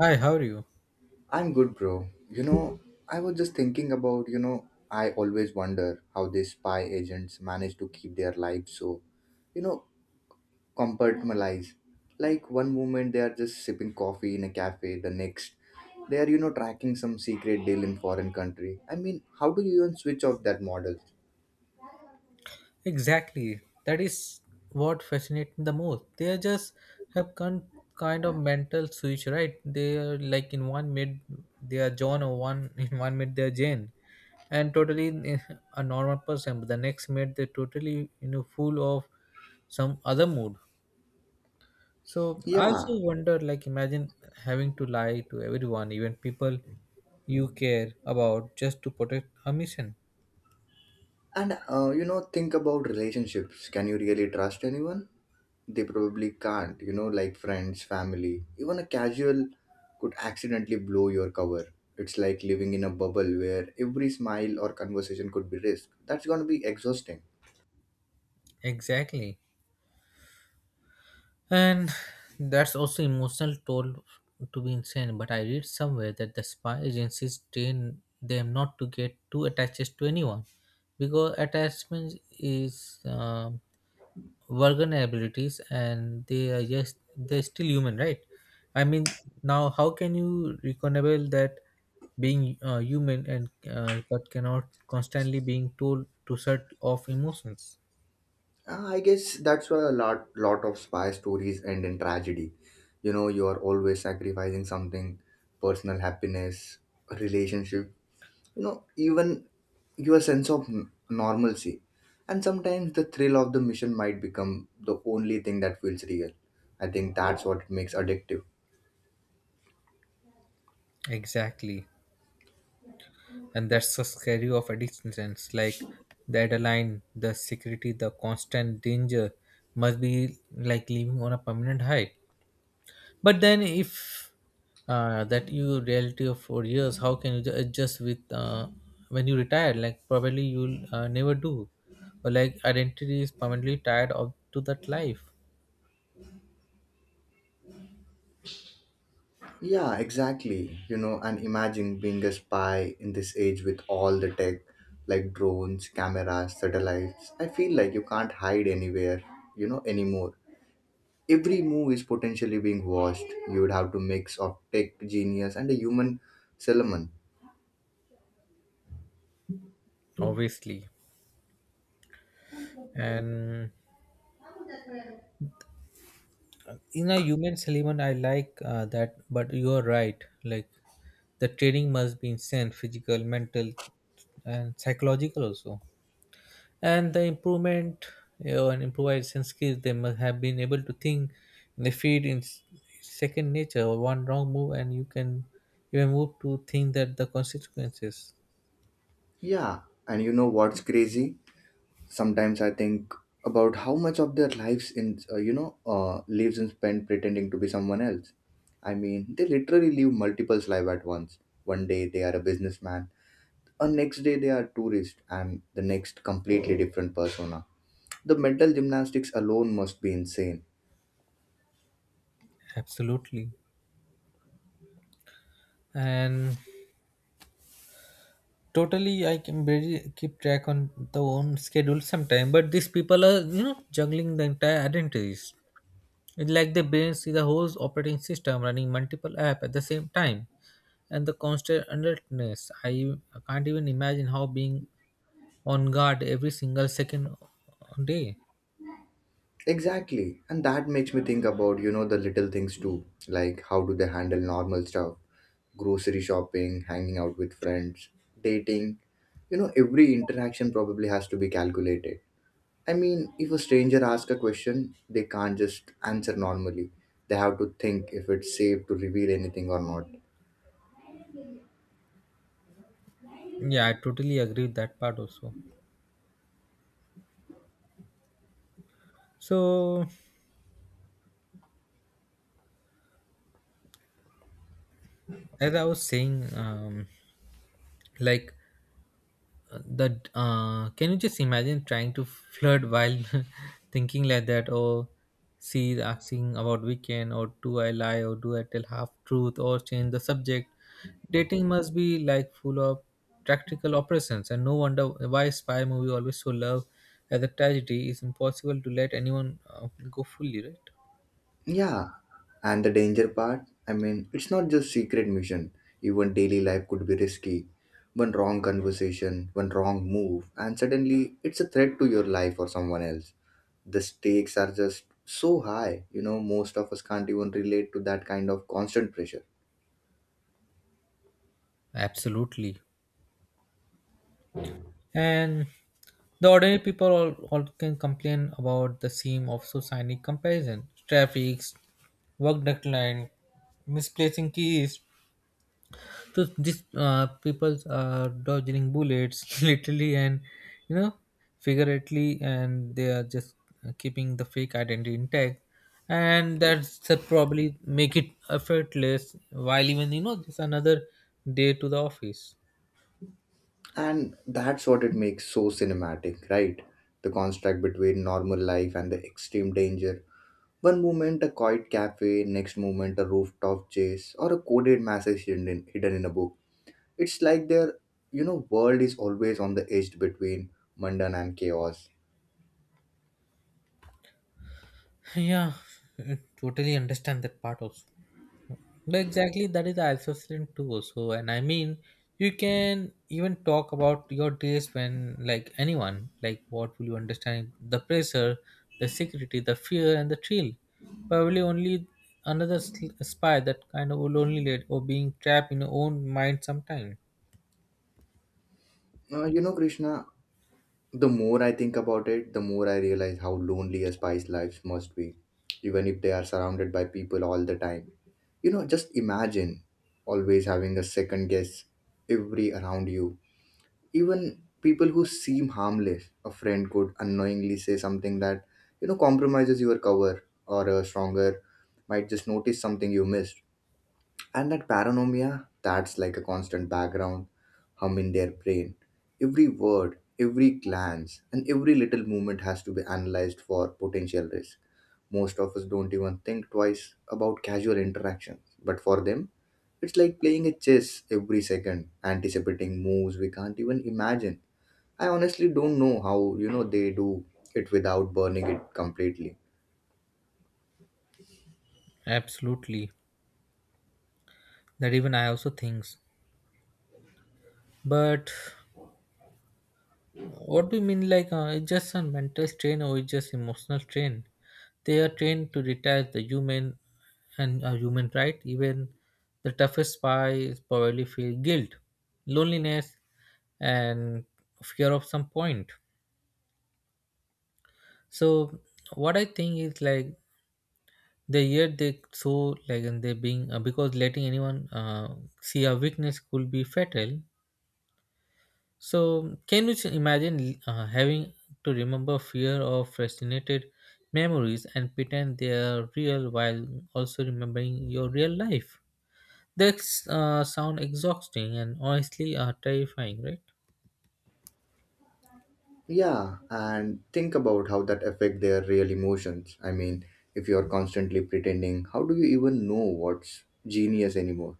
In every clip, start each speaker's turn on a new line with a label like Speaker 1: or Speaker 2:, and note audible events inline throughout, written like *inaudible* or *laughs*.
Speaker 1: Hi, how are you?
Speaker 2: I'm good, bro. I was just thinking about, I always wonder how these spy agents manage to keep their lives so, you know, compartmentalized. Like one moment they are just sipping coffee in a cafe, the next they are, tracking some secret deal in foreign country. I mean, how do you even switch off that model?
Speaker 1: Exactly. That is what fascinates me the most. They just have kind of mental switch, right? They are like in one minute they are John, or one *laughs* in one minute they are Jane, and totally a normal person. But the next minute they're totally full of some other mood. So I also
Speaker 2: Yeah,
Speaker 1: wonder, like, imagine having to lie to everyone, even people you care about, just to protect a mission.
Speaker 2: and you know, think about relationships. Can you really trust anyone? They probably can't, you know, like friends, family. Even a casual could accidentally blow your cover. It's like living in a bubble where every smile or conversation could be risked. That's going to be exhausting.
Speaker 1: Exactly. And that's also emotional toll to be insane. But I read somewhere that the spy agencies train them not to get too attached to anyone because attachment is vulnerabilities and they are just they're still human, right? I mean, now how can you reconcile that being human and but cannot constantly being told to shut off emotions?
Speaker 2: I guess that's why a lot of spy stories end in tragedy. You know, you are always sacrificing something, personal happiness, relationship, you know, even your sense of normalcy. And sometimes the thrill of the mission might become the only thing that feels real. I think that's what makes addictive.
Speaker 1: Exactly. And that's the scary of addictions, like the adrenaline, the security, the constant danger must be like living on a permanent high. But then if that you reality of 4 years, how can you adjust with when you retire? Like probably you'll never do, or like identity is permanently tied of to that life.
Speaker 2: Yeah, exactly, you know, and imagine being a spy in this age with all the tech, like drones, cameras, satellites. I feel like you can't hide anywhere, you know, anymore. Every move is potentially being watched. You would have to mix of tech genius and a human solomon.
Speaker 1: Obviously. And in a human element I like that, but you are right. Like the training must be insane, physical, mental, and psychological also. And the improvement, and improvisation skills, they must have been able to think in the field in second nature, or one wrong move and you can even move to think that the consequences.
Speaker 2: Yeah, and you know what's crazy, sometimes I think about how much of their lives in you know lives in spent pretending to be someone else. I mean, they literally live multiple lives at once. One day they are a businessman, a next day they are tourist, and the next completely different persona. The mental gymnastics alone must be insane.
Speaker 1: Absolutely. And totally, I can barely keep track on the own schedule sometime, but these people are juggling the entire identities. It's like their brains is a whole operating system running multiple app at the same time. And the constant alertness, I can't even imagine how being on guard every single second day.
Speaker 2: Exactly. And that makes me think about, you know, the little things too. Like how do they handle normal stuff? Grocery shopping, hanging out with friends, dating. You know, every interaction probably has to be calculated. I mean, if a stranger asks a question, they can't just answer normally. They have to think if it's safe to reveal anything or not.
Speaker 1: Yeah, I totally agree with that part also. So as I was saying, like, the can you just imagine trying to flirt while *laughs* thinking like that? Or she is asking about weekend, or do I lie, or do I tell half truth or change the subject? Dating must be like full of practical operations. And no wonder why spy movie always so love as a tragedy. It's impossible to let anyone go fully, right?
Speaker 2: Yeah, and the danger part, I mean, it's not just secret mission. Even daily life could be risky. One wrong conversation, one wrong move, and suddenly it's a threat to your life or someone else. The stakes are just so high, you know, most of us can't even relate to that kind of constant pressure.
Speaker 1: Absolutely. And the ordinary people all can complain about the theme of society comparison, traffic, work deadline, misplacing keys. So these people are dodging bullets *laughs* literally and you know figuratively, and they are just keeping the fake identity intact. And that's the probably make it effortless while even just another day to the office.
Speaker 2: And that's what it makes so cinematic, right? The contrast between normal life and the extreme danger. One moment a quiet cafe, next moment a rooftop chase, or a coded message hidden in a book. It's like their, you know, world is always on the edge between mundane and chaos.
Speaker 1: Yeah, *laughs* totally understand that part also. But exactly that is assessment too also. And I mean, you can even talk about your days when like anyone, like what will you understand the pressure, the security, the fear and the thrill? Probably only another spy, that kind of lonely led or being trapped in your own mind sometime.
Speaker 2: You know, Krishna, the more I think about it, the more I realize how lonely a spy's lives must be, even if they are surrounded by people all the time. You know, just imagine always having a second guess every around you. Even people who seem harmless, a friend could unknowingly say something that, you know, compromises your cover, or a stronger might just notice something you missed. And that paranoia, that's like a constant background hum in their brain. Every word, every glance, and every little movement has to be analyzed for potential risk. Most of us don't even think twice about casual interactions, but for them, it's like playing a chess every second, anticipating moves we can't even imagine. I honestly don't know how, you know, they do it without burning it completely.
Speaker 1: Absolutely, that even I also thinks. But what do you mean, like, it's just a mental strain or it's just emotional strain? They are trained to detach the human and human, right? Even the toughest spy is probably feel guilt, loneliness, and fear of some point. So what I think is like the year they so like, and they being because letting anyone see a weakness could be fatal. So can you just imagine having to remember fear or frustrated memories and pretend they are real while also remembering your real life? That's sound exhausting and honestly terrifying, right?
Speaker 2: Yeah, and think about how that affect their real emotions. I mean, if you're constantly pretending, how do you even know what's genius anymore?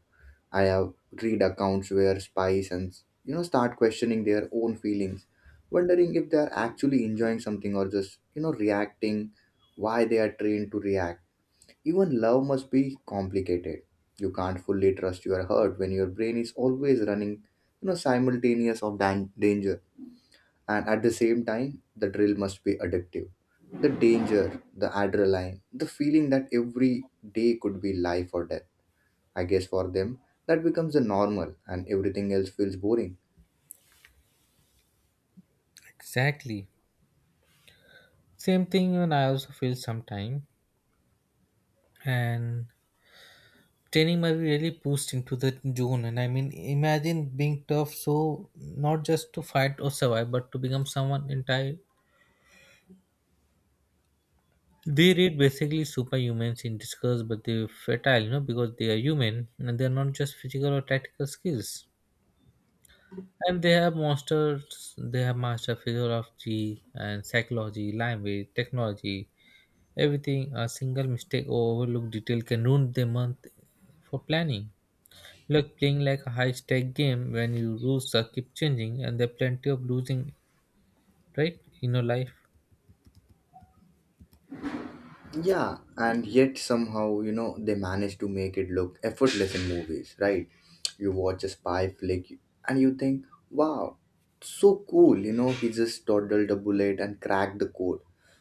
Speaker 2: I have read accounts where spies and, you know, start questioning their own feelings, wondering if they are actually enjoying something or just, you know, reacting, why they are trained to react. Even love must be complicated. You can't fully trust your heart when your brain is always running, you know, simultaneous of danger. And at the same time, the drill must be addictive. The danger, the adrenaline, the feeling that every day could be life or death. I guess for them, that becomes the normal and everything else feels boring.
Speaker 1: Exactly. Same thing. And I also feel sometime. And training might be really pushed into the zone. And I mean, imagine being tough so, not just to fight or survive, but to become someone entire. They read basically superhumans in disguise, but they're fertile, because they are human and they're not just physical or tactical skills. And they have monsters, they have master physiology and psychology, language, technology, everything. A single mistake or overlooked detail can ruin their month for planning. Like playing like a high stake game when your rules are keep changing and there are plenty of losing, right, in your life.
Speaker 2: Yeah, and yet somehow, you know, they manage to make it look effortless in movies, right? You watch a spy flick and you think, wow, so cool, you know, he just toddled a bullet and cracked the code.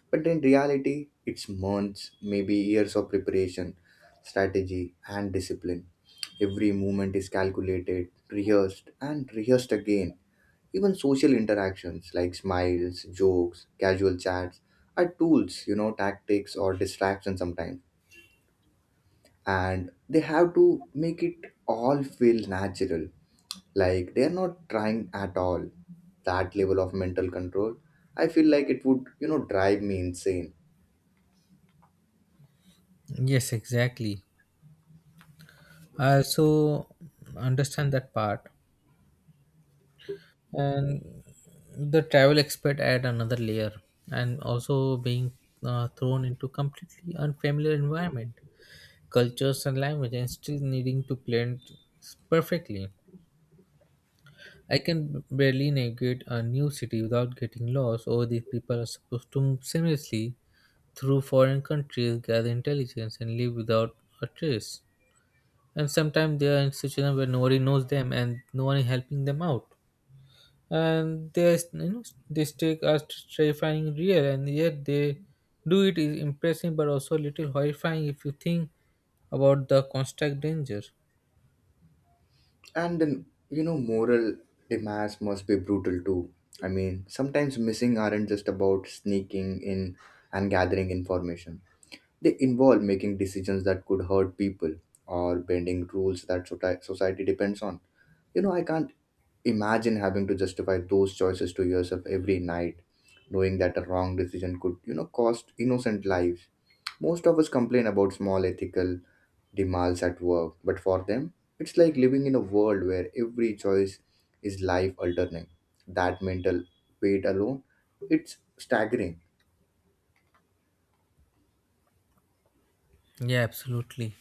Speaker 2: But in reality, it's months, maybe years of preparation, strategy, and discipline. Every movement is calculated, rehearsed, and rehearsed again. Even social interactions like smiles, jokes, casual chats are tools, you know, tactics or distractions sometimes. And they have to make it all feel natural, like they are not trying at all, that level of mental control. I feel like it would, you know, drive me insane.
Speaker 1: Yes, exactly. I also understand that part. And the travel expert add another layer. And also being thrown into completely unfamiliar environment, cultures and language, and still needing to blend perfectly. I can barely navigate a new city without getting lost, or these people are supposed to move seamlessly through foreign countries, gather intelligence, and live without a trace. And sometimes they are in situations where nobody knows them and no one is helping them out. And they are, they take us terrifying real. And yet they do it is impressive, but also a little horrifying if you think about the constant danger.
Speaker 2: And then, you know, moral demands must be brutal too. I mean, sometimes missing aren't just about sneaking in and gathering information. They involve making decisions that could hurt people or bending rules that society depends on. You know, I can't imagine having to justify those choices to yourself every night, knowing that a wrong decision could, you know, cost innocent lives. Most of us complain about small ethical demands at work, but for them, it's like living in a world where every choice is life altering. That mental weight alone, it's staggering.
Speaker 1: Yeah, absolutely.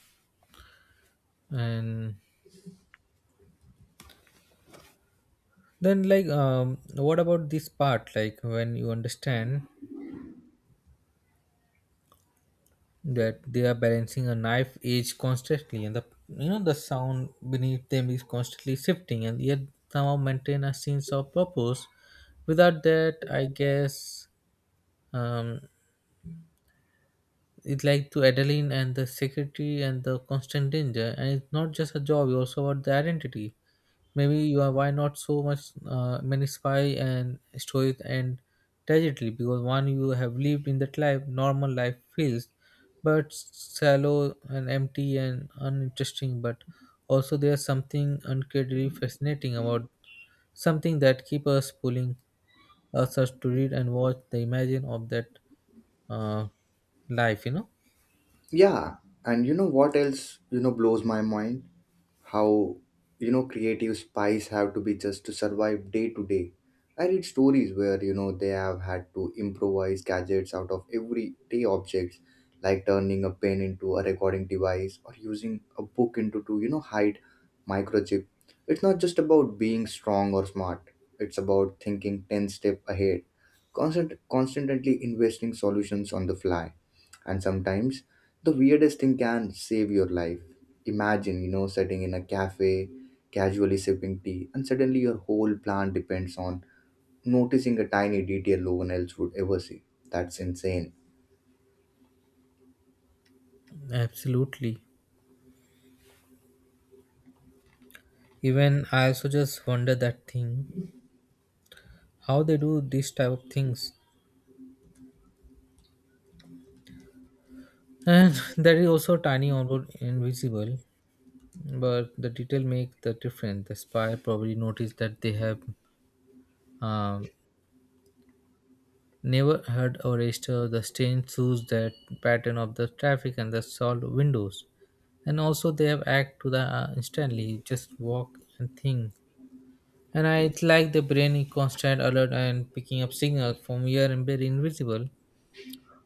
Speaker 1: And then, like, what about this part, like when you understand that they are balancing a knife edge constantly, and the the sound beneath them is constantly shifting, and yet somehow maintain a sense of purpose? Without that, I guess, um it's like to Adeline and the security and the constant danger. And it's not just a job; you also about the identity. Maybe you are why not so much many spy and stories and tragedy, because one you have lived in that life, normal life feels but shallow and empty and uninteresting. But also there's something incredibly fascinating about something that keep us pulling us to read and watch the imagine of that uh, life. You know.
Speaker 2: Yeah, and you know what else, you know, blows my mind? How, you know, creative spies have to be just to survive day to day. I read stories where, you know, they have had to improvise gadgets out of everyday objects, like turning a pen into a recording device or using a book into to, you know, hide microchip. It's not just about being strong or smart. It's about thinking 10 step ahead, constantly investing solutions on the fly. And sometimes the weirdest thing can save your life. Imagine, you know, sitting in a cafe, casually sipping tea, and suddenly your whole plan depends on noticing a tiny detail no one else would ever see. That's insane.
Speaker 1: Absolutely. Even I also just wonder that thing, how they do this type of things. And *laughs* there is also tiny although invisible, but the detail make the difference. The spy probably noticed that they have um, never heard or registered the strange shoes, that pattern of the traffic and the solved windows. And also they have act to the instantly, just walk and think. And I, it's like the brain is constant alert and picking up signal from here and very invisible.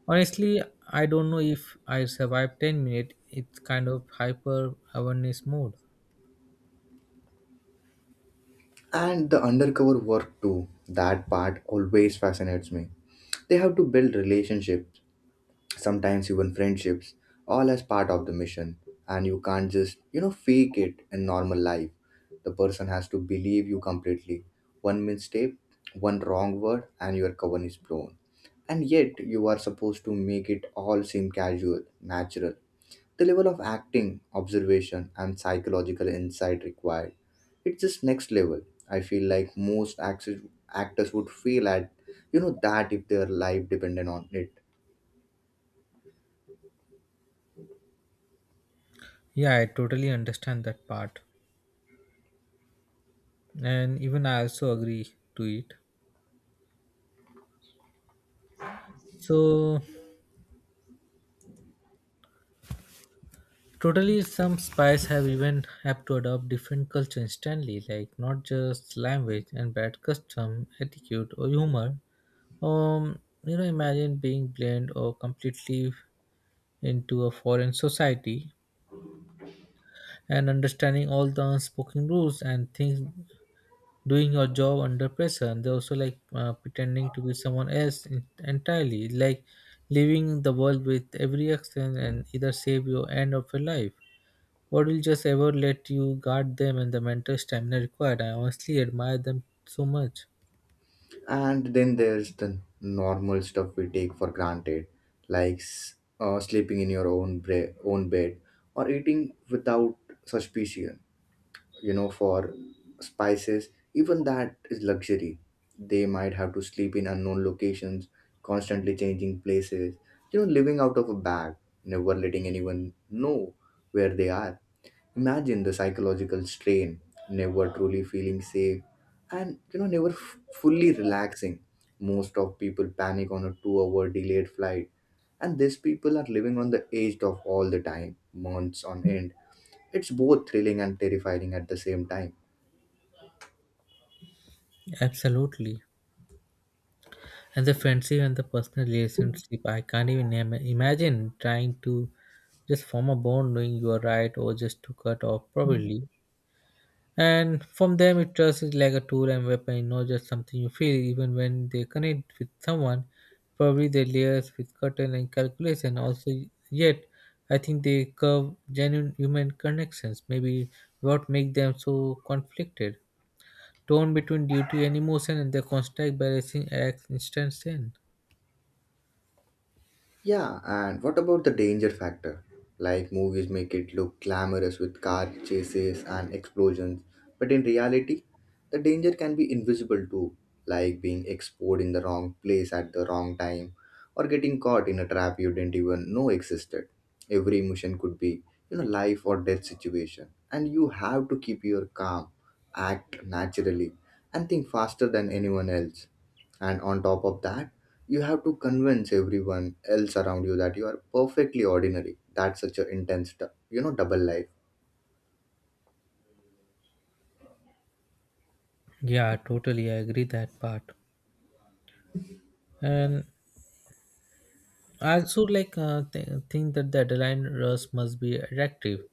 Speaker 1: Honestly, I don't know if I survived 10 minutes. It's kind of hyper awareness mode.
Speaker 2: And the undercover work too, that part always fascinates me. They have to build relationships, sometimes even friendships, all as part of the mission. And you can't just, you know, fake it in normal life. The person has to believe you completely. One mistake, one wrong word, and your cover is blown. And yet, you are supposed to make it all seem casual, natural. The level of acting, observation, and psychological insight required, it's just next level. I feel like most actors would feel at, you know, that if their life depended on it.
Speaker 1: Yeah, I totally understand that part. And even I also agree to it. So totally, some spies have even have to adopt different culture instantly, like not just language and bad custom, attitude, or humor. You know, imagine being blamed or completely into a foreign society and understanding all the unspoken rules and things, doing your job under pressure. And they also like pretending to be someone else entirely, like leaving the world with every action and either save your end of your life, what will just ever let you guard them. And the mental stamina required, I honestly admire them so much.
Speaker 2: And then there's the normal stuff we take for granted, like sleeping in your own own bed or eating without suspicion. You know, for spices, even that is luxury. They might have to sleep in unknown locations, constantly changing places. You know, living out of a bag, never letting anyone know where they are. Imagine the psychological strain, never truly feeling safe, and you know, never fully relaxing. Most of people panic on a 2 hour delayed flight, and these people are living on the edge of all the time, months on end. It's both thrilling and terrifying at the same time.
Speaker 1: Absolutely. And the friendship and the personal relationship, I can't even imagine trying to just form a bond knowing you are right or just to cut off probably. And from them, it trust is like a tool and weapon, not just something you feel. Even when they connect with someone, probably they layers with curtain and calculation. Also, yet I think they curve genuine human connections. Maybe what make them so conflicted? Torn between duty and emotion, and their constant balancing acts instant sin.
Speaker 2: Yeah, and what about the danger factor? Like movies make it look glamorous with car chases and explosions, but in reality, the danger can be invisible too, like being exposed in the wrong place at the wrong time or getting caught in a trap you didn't even know existed. Every emotion could be, life or death situation, and you have to keep your calm, act naturally, and think faster than anyone else. And on top of that, you have to convince everyone else around you that you are perfectly ordinary. That's such an intense double life.
Speaker 1: Yeah, totally. I agree that part. And I also like think that the deadline rush must be reactive.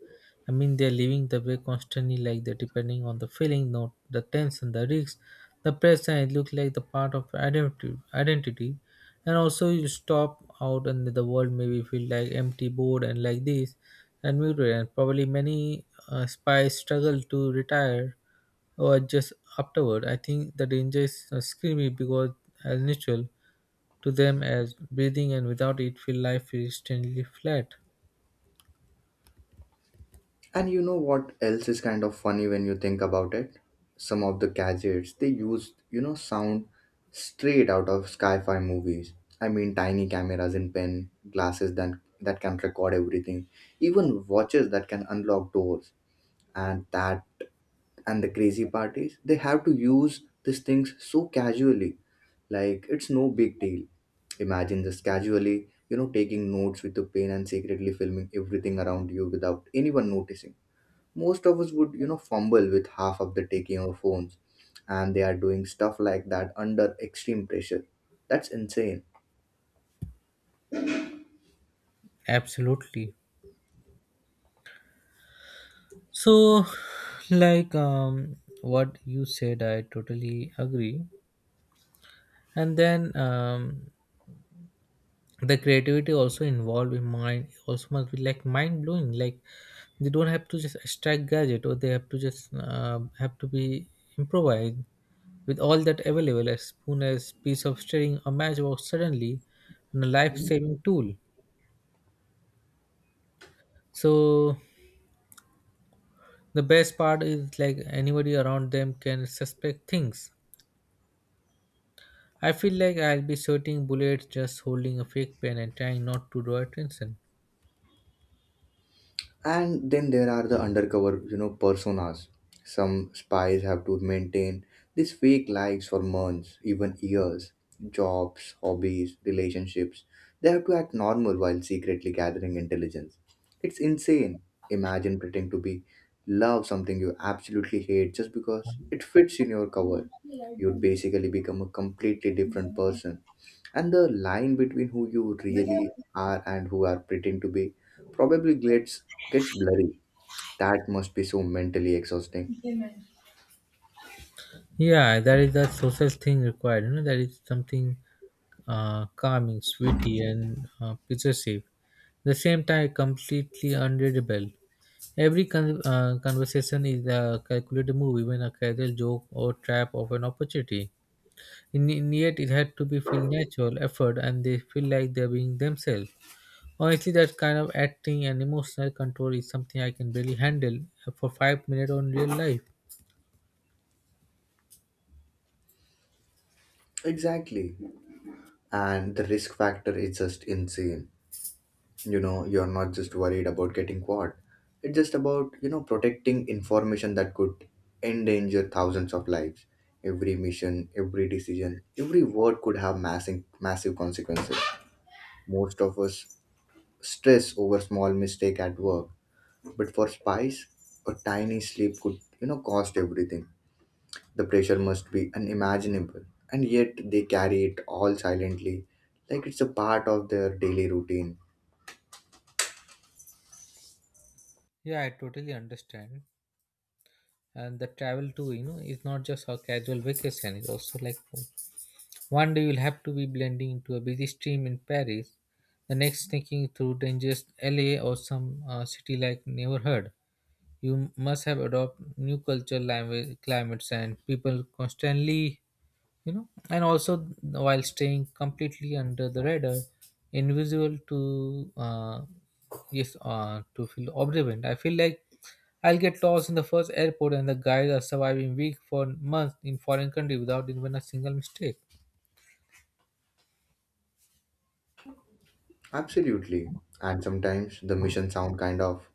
Speaker 1: I mean, they're living the way constantly, like they're depending on the feeling, not the tension, the risks, the pressure. It looks like the part of identity. Identity, and also you stop out and the world maybe feel like empty bored and like this and muted. And probably many spies struggle to retire or just afterward. I think the danger is screamy because as natural to them as breathing, and without it feel life is strangely flat.
Speaker 2: And you know what else is kind of funny when you think about it? Some of the gadgets they used sound straight out of sci-fi movies. I mean, tiny cameras in pen glasses that can record everything, even watches that can unlock doors. and that and the crazy part is, they have to use these things so casually, like it's no big deal. Imagine just casually taking notes with a pen and secretly filming everything around you without anyone noticing. Most of us would fumble with half of the taking our phones, and they are doing stuff like that under extreme pressure. That's insane.
Speaker 1: Absolutely. So like, what you said, I totally agree. And then, the creativity also involved in mind also must be like mind blowing. Like they don't have to just extract gadget, or they have to just have to be improvised with all that available, a spoon, a piece of string, a matchbox, suddenly and a life-saving tool. So the best part is like anybody around them can suspect things. I feel like I'll be shooting bullets just holding a fake pen and trying not to draw attention.
Speaker 2: And then there are the undercover personas some spies have to maintain, these fake lives for months, even years, jobs, hobbies, relationships. They have to act normal while secretly gathering intelligence. It's insane. Imagine pretending to be, love something you absolutely hate just because it fits in your cover. You'd basically become a completely different person. And the line between who you really are and who are pretend to be probably gets blurry. That must be so mentally exhausting.
Speaker 1: Yeah, that is the social thing required. You know, that is something calming, sweetie, and possessive. The same time, completely unreadable. Every conversation is a calculated move, even a casual joke or trap of an opportunity. In yet, it had to be feel natural, effort, and they feel like they're being themselves. Honestly, that kind of acting and emotional control is something I can barely handle for 5 minutes on real life.
Speaker 2: Exactly. And the risk factor is just insane. You're not just worried about getting caught. It's just about protecting information that could endanger thousands of lives. Every mission, every decision, every word could have massive, massive consequences. Most of us stress over small mistake at work. But for spies, a tiny slip could, cost everything. The pressure must be unimaginable. And yet they carry it all silently, like it's a part of their daily routine.
Speaker 1: Yeah, I totally understand. And the travel too, you know, is not just a casual vacation. It's also like one day you'll have to be blending into a busy stream in Paris, the next thinking through dangerous LA or some city like never heard. You must have adopt new culture, language, climates and people constantly, you know. And also while staying completely under the radar, invisible to yes to feel observant. I feel like I'll get lost in the first airport, and the guys are surviving week for months in foreign country without even a single mistake.
Speaker 2: Absolutely. And sometimes the mission sound kind of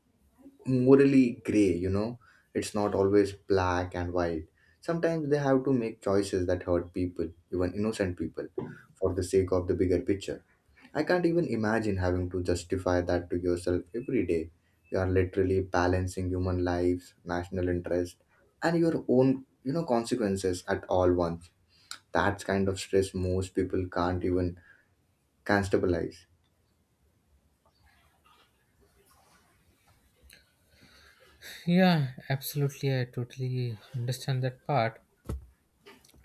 Speaker 2: morally gray. It's not always black and white. Sometimes they have to make choices that hurt people, even innocent people, for the sake of the bigger picture. I can't even imagine having to justify that to yourself every day. You are literally balancing human lives, national interest, and your own consequences at all once. That's kind of stress most people can't even can
Speaker 1: Yeah, absolutely. I totally understand that part.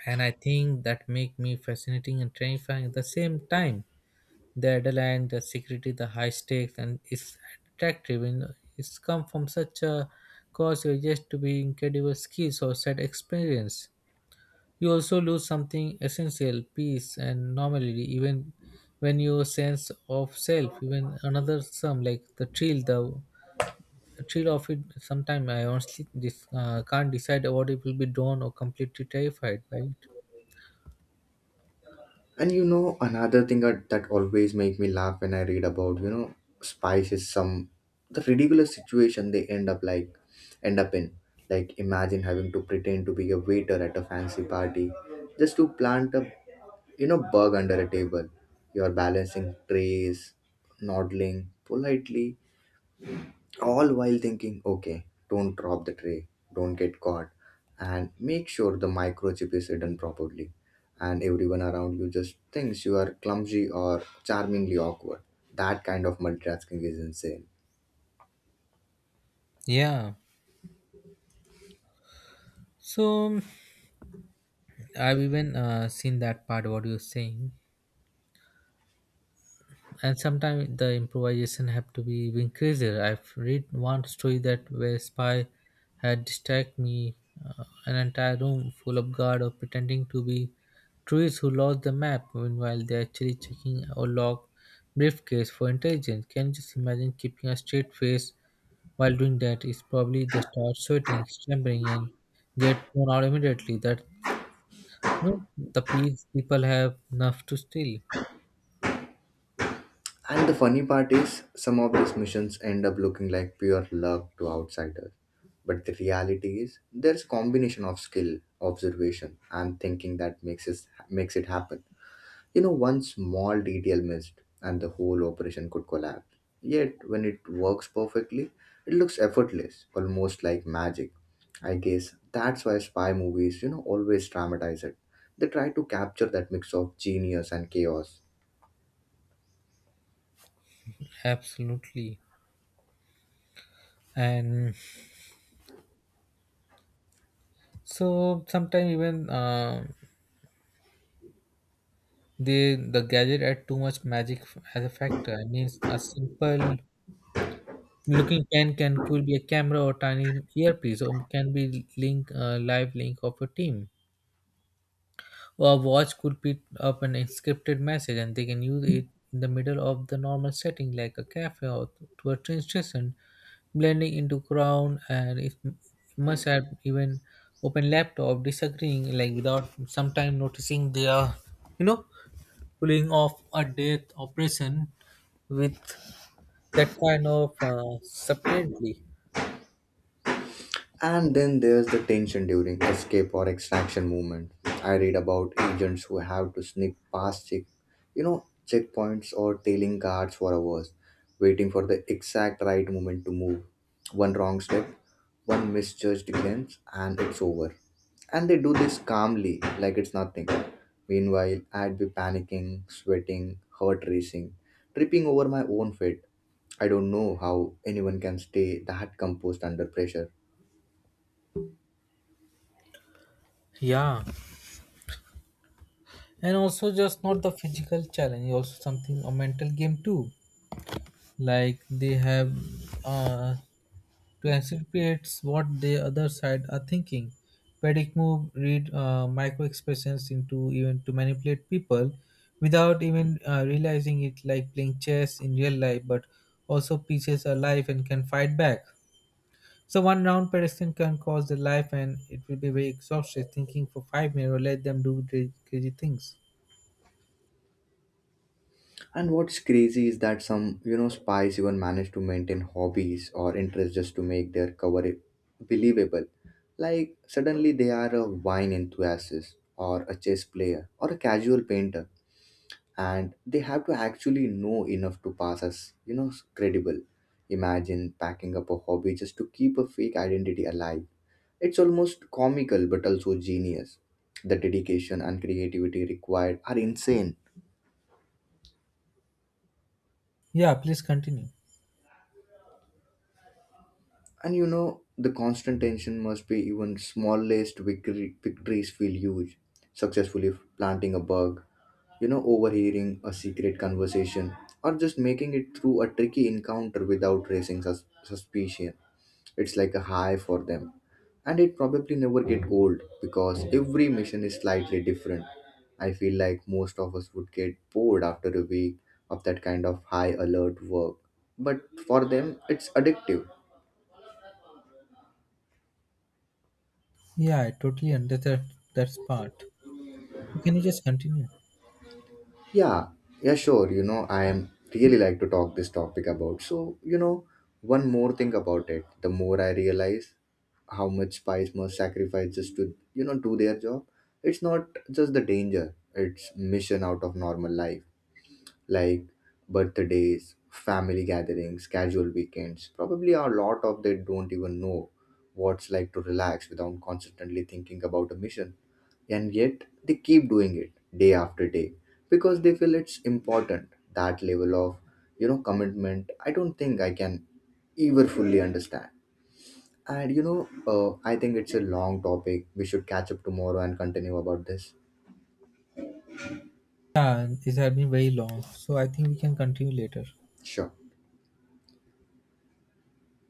Speaker 1: And I think that make me fascinating and terrifying at the same time. The adrenaline, the security, the high stakes, and it's attractive. And it's come from such a cause. You're just to be incredible skills or sad experience. You also lose something essential, peace and normality, even when your sense of self, even another sum like the thrill of it. Sometimes I honestly can't decide what it will be drawn or completely terrified by it.
Speaker 2: And another thing that always make me laugh when I read about, spies is some the ridiculous situation they end up in. Like, imagine having to pretend to be a waiter at a fancy party just to plant a bug under a table. You're balancing trays, nodding politely, all while thinking, okay, don't drop the tray, don't get caught, and make sure the microchip is hidden properly. And everyone around you just thinks you are clumsy or charmingly awkward. That kind of multitasking is insane.
Speaker 1: Yeah. So I've even seen that part. What you're saying. And sometimes the improvisation have to be even crazier. I've read one story that where spy had distract me an entire room full of guard of pretending to be tourists who lost the map. Meanwhile, they're actually checking or lock briefcase for intelligence. Can you just imagine keeping a straight face while doing that? It's probably the start sweating, trembling, and get thrown out immediately. That, you know, the peace people have enough to steal.
Speaker 2: And the funny part is, some of these missions end up looking like pure luck to outsiders. But the reality is, there's a combination of skill, observation, and thinking that makes it happen. One small detail missed, and the whole operation could collapse. Yet, when it works perfectly, it looks effortless, almost like magic. I guess that's why spy movies, always dramatize it. They try to capture that mix of genius and chaos.
Speaker 1: Absolutely. And so sometimes even they the gadget add too much magic as a factor. I mean, a simple looking pen can could be a camera or tiny earpiece, or can be link live link of a team. Or a watch could pick up an encrypted message, and they can use it in the middle of the normal setting, like a cafe or to a train station, blending into crowd. And it must have even open laptop disagreeing like without sometime noticing they are, you know, pulling off a death operation with that kind of subtlety.
Speaker 2: And then there's the tension during escape or extraction movement. I read about agents who have to sneak past checkpoints or tailing guards for hours, waiting for the exact right moment to move. One wrong step, one misjudged glance, and it's over. And they do this calmly, like it's nothing. Meanwhile, I'd be panicking, sweating, heart racing, tripping over my own feet. I don't know how anyone can stay that composed under pressure.
Speaker 1: Yeah, and also just not the physical challenge, also something a mental game too. Like they have uh, to anticipate what the other side are thinking. Panic move, read micro expressions into even to manipulate people without even realizing it, like playing chess in real life, but also pieces are life and can fight back. So one round per can cost their life, and it will be very exhausted thinking for 5 minutes or let them do crazy things.
Speaker 2: And what's crazy is that some, spies even manage to maintain hobbies or interests just to make their cover believable. Like suddenly they are a wine enthusiast or a chess player or a casual painter, and they have to actually know enough to pass as, credible. Imagine packing up a hobby just to keep a fake identity alive. It's almost comical but also genius. The dedication and creativity required are insane.
Speaker 1: Yeah, please continue.
Speaker 2: The constant tension must be even smallest victories feel huge. Successfully planting a bug, overhearing a secret conversation, or just making it through a tricky encounter without raising suspicion. It's like a high for them. And it probably never get old because every mission is slightly different. I feel like most of us would get bored after a week of that kind of high alert work. But for them, it's addictive.
Speaker 1: Yeah, I totally understand that part. Can you just continue?
Speaker 2: Yeah, yeah, sure. I am really like to talk this topic about. So, one more thing about it, the more I realize how much spies must sacrifice just to, do their job. It's not just the danger, it's mission out of normal life, like birthdays, family gatherings, casual weekends. Probably a lot of they don't even know what's like to relax without constantly thinking about a mission. And yet they keep doing it day after day because they feel it's important. That level of, commitment, I don't think I can ever fully understand. And I think it's a long topic. We should catch up tomorrow and continue about this.
Speaker 1: Yeah, it has been very long, so I think we can continue later.
Speaker 2: Sure.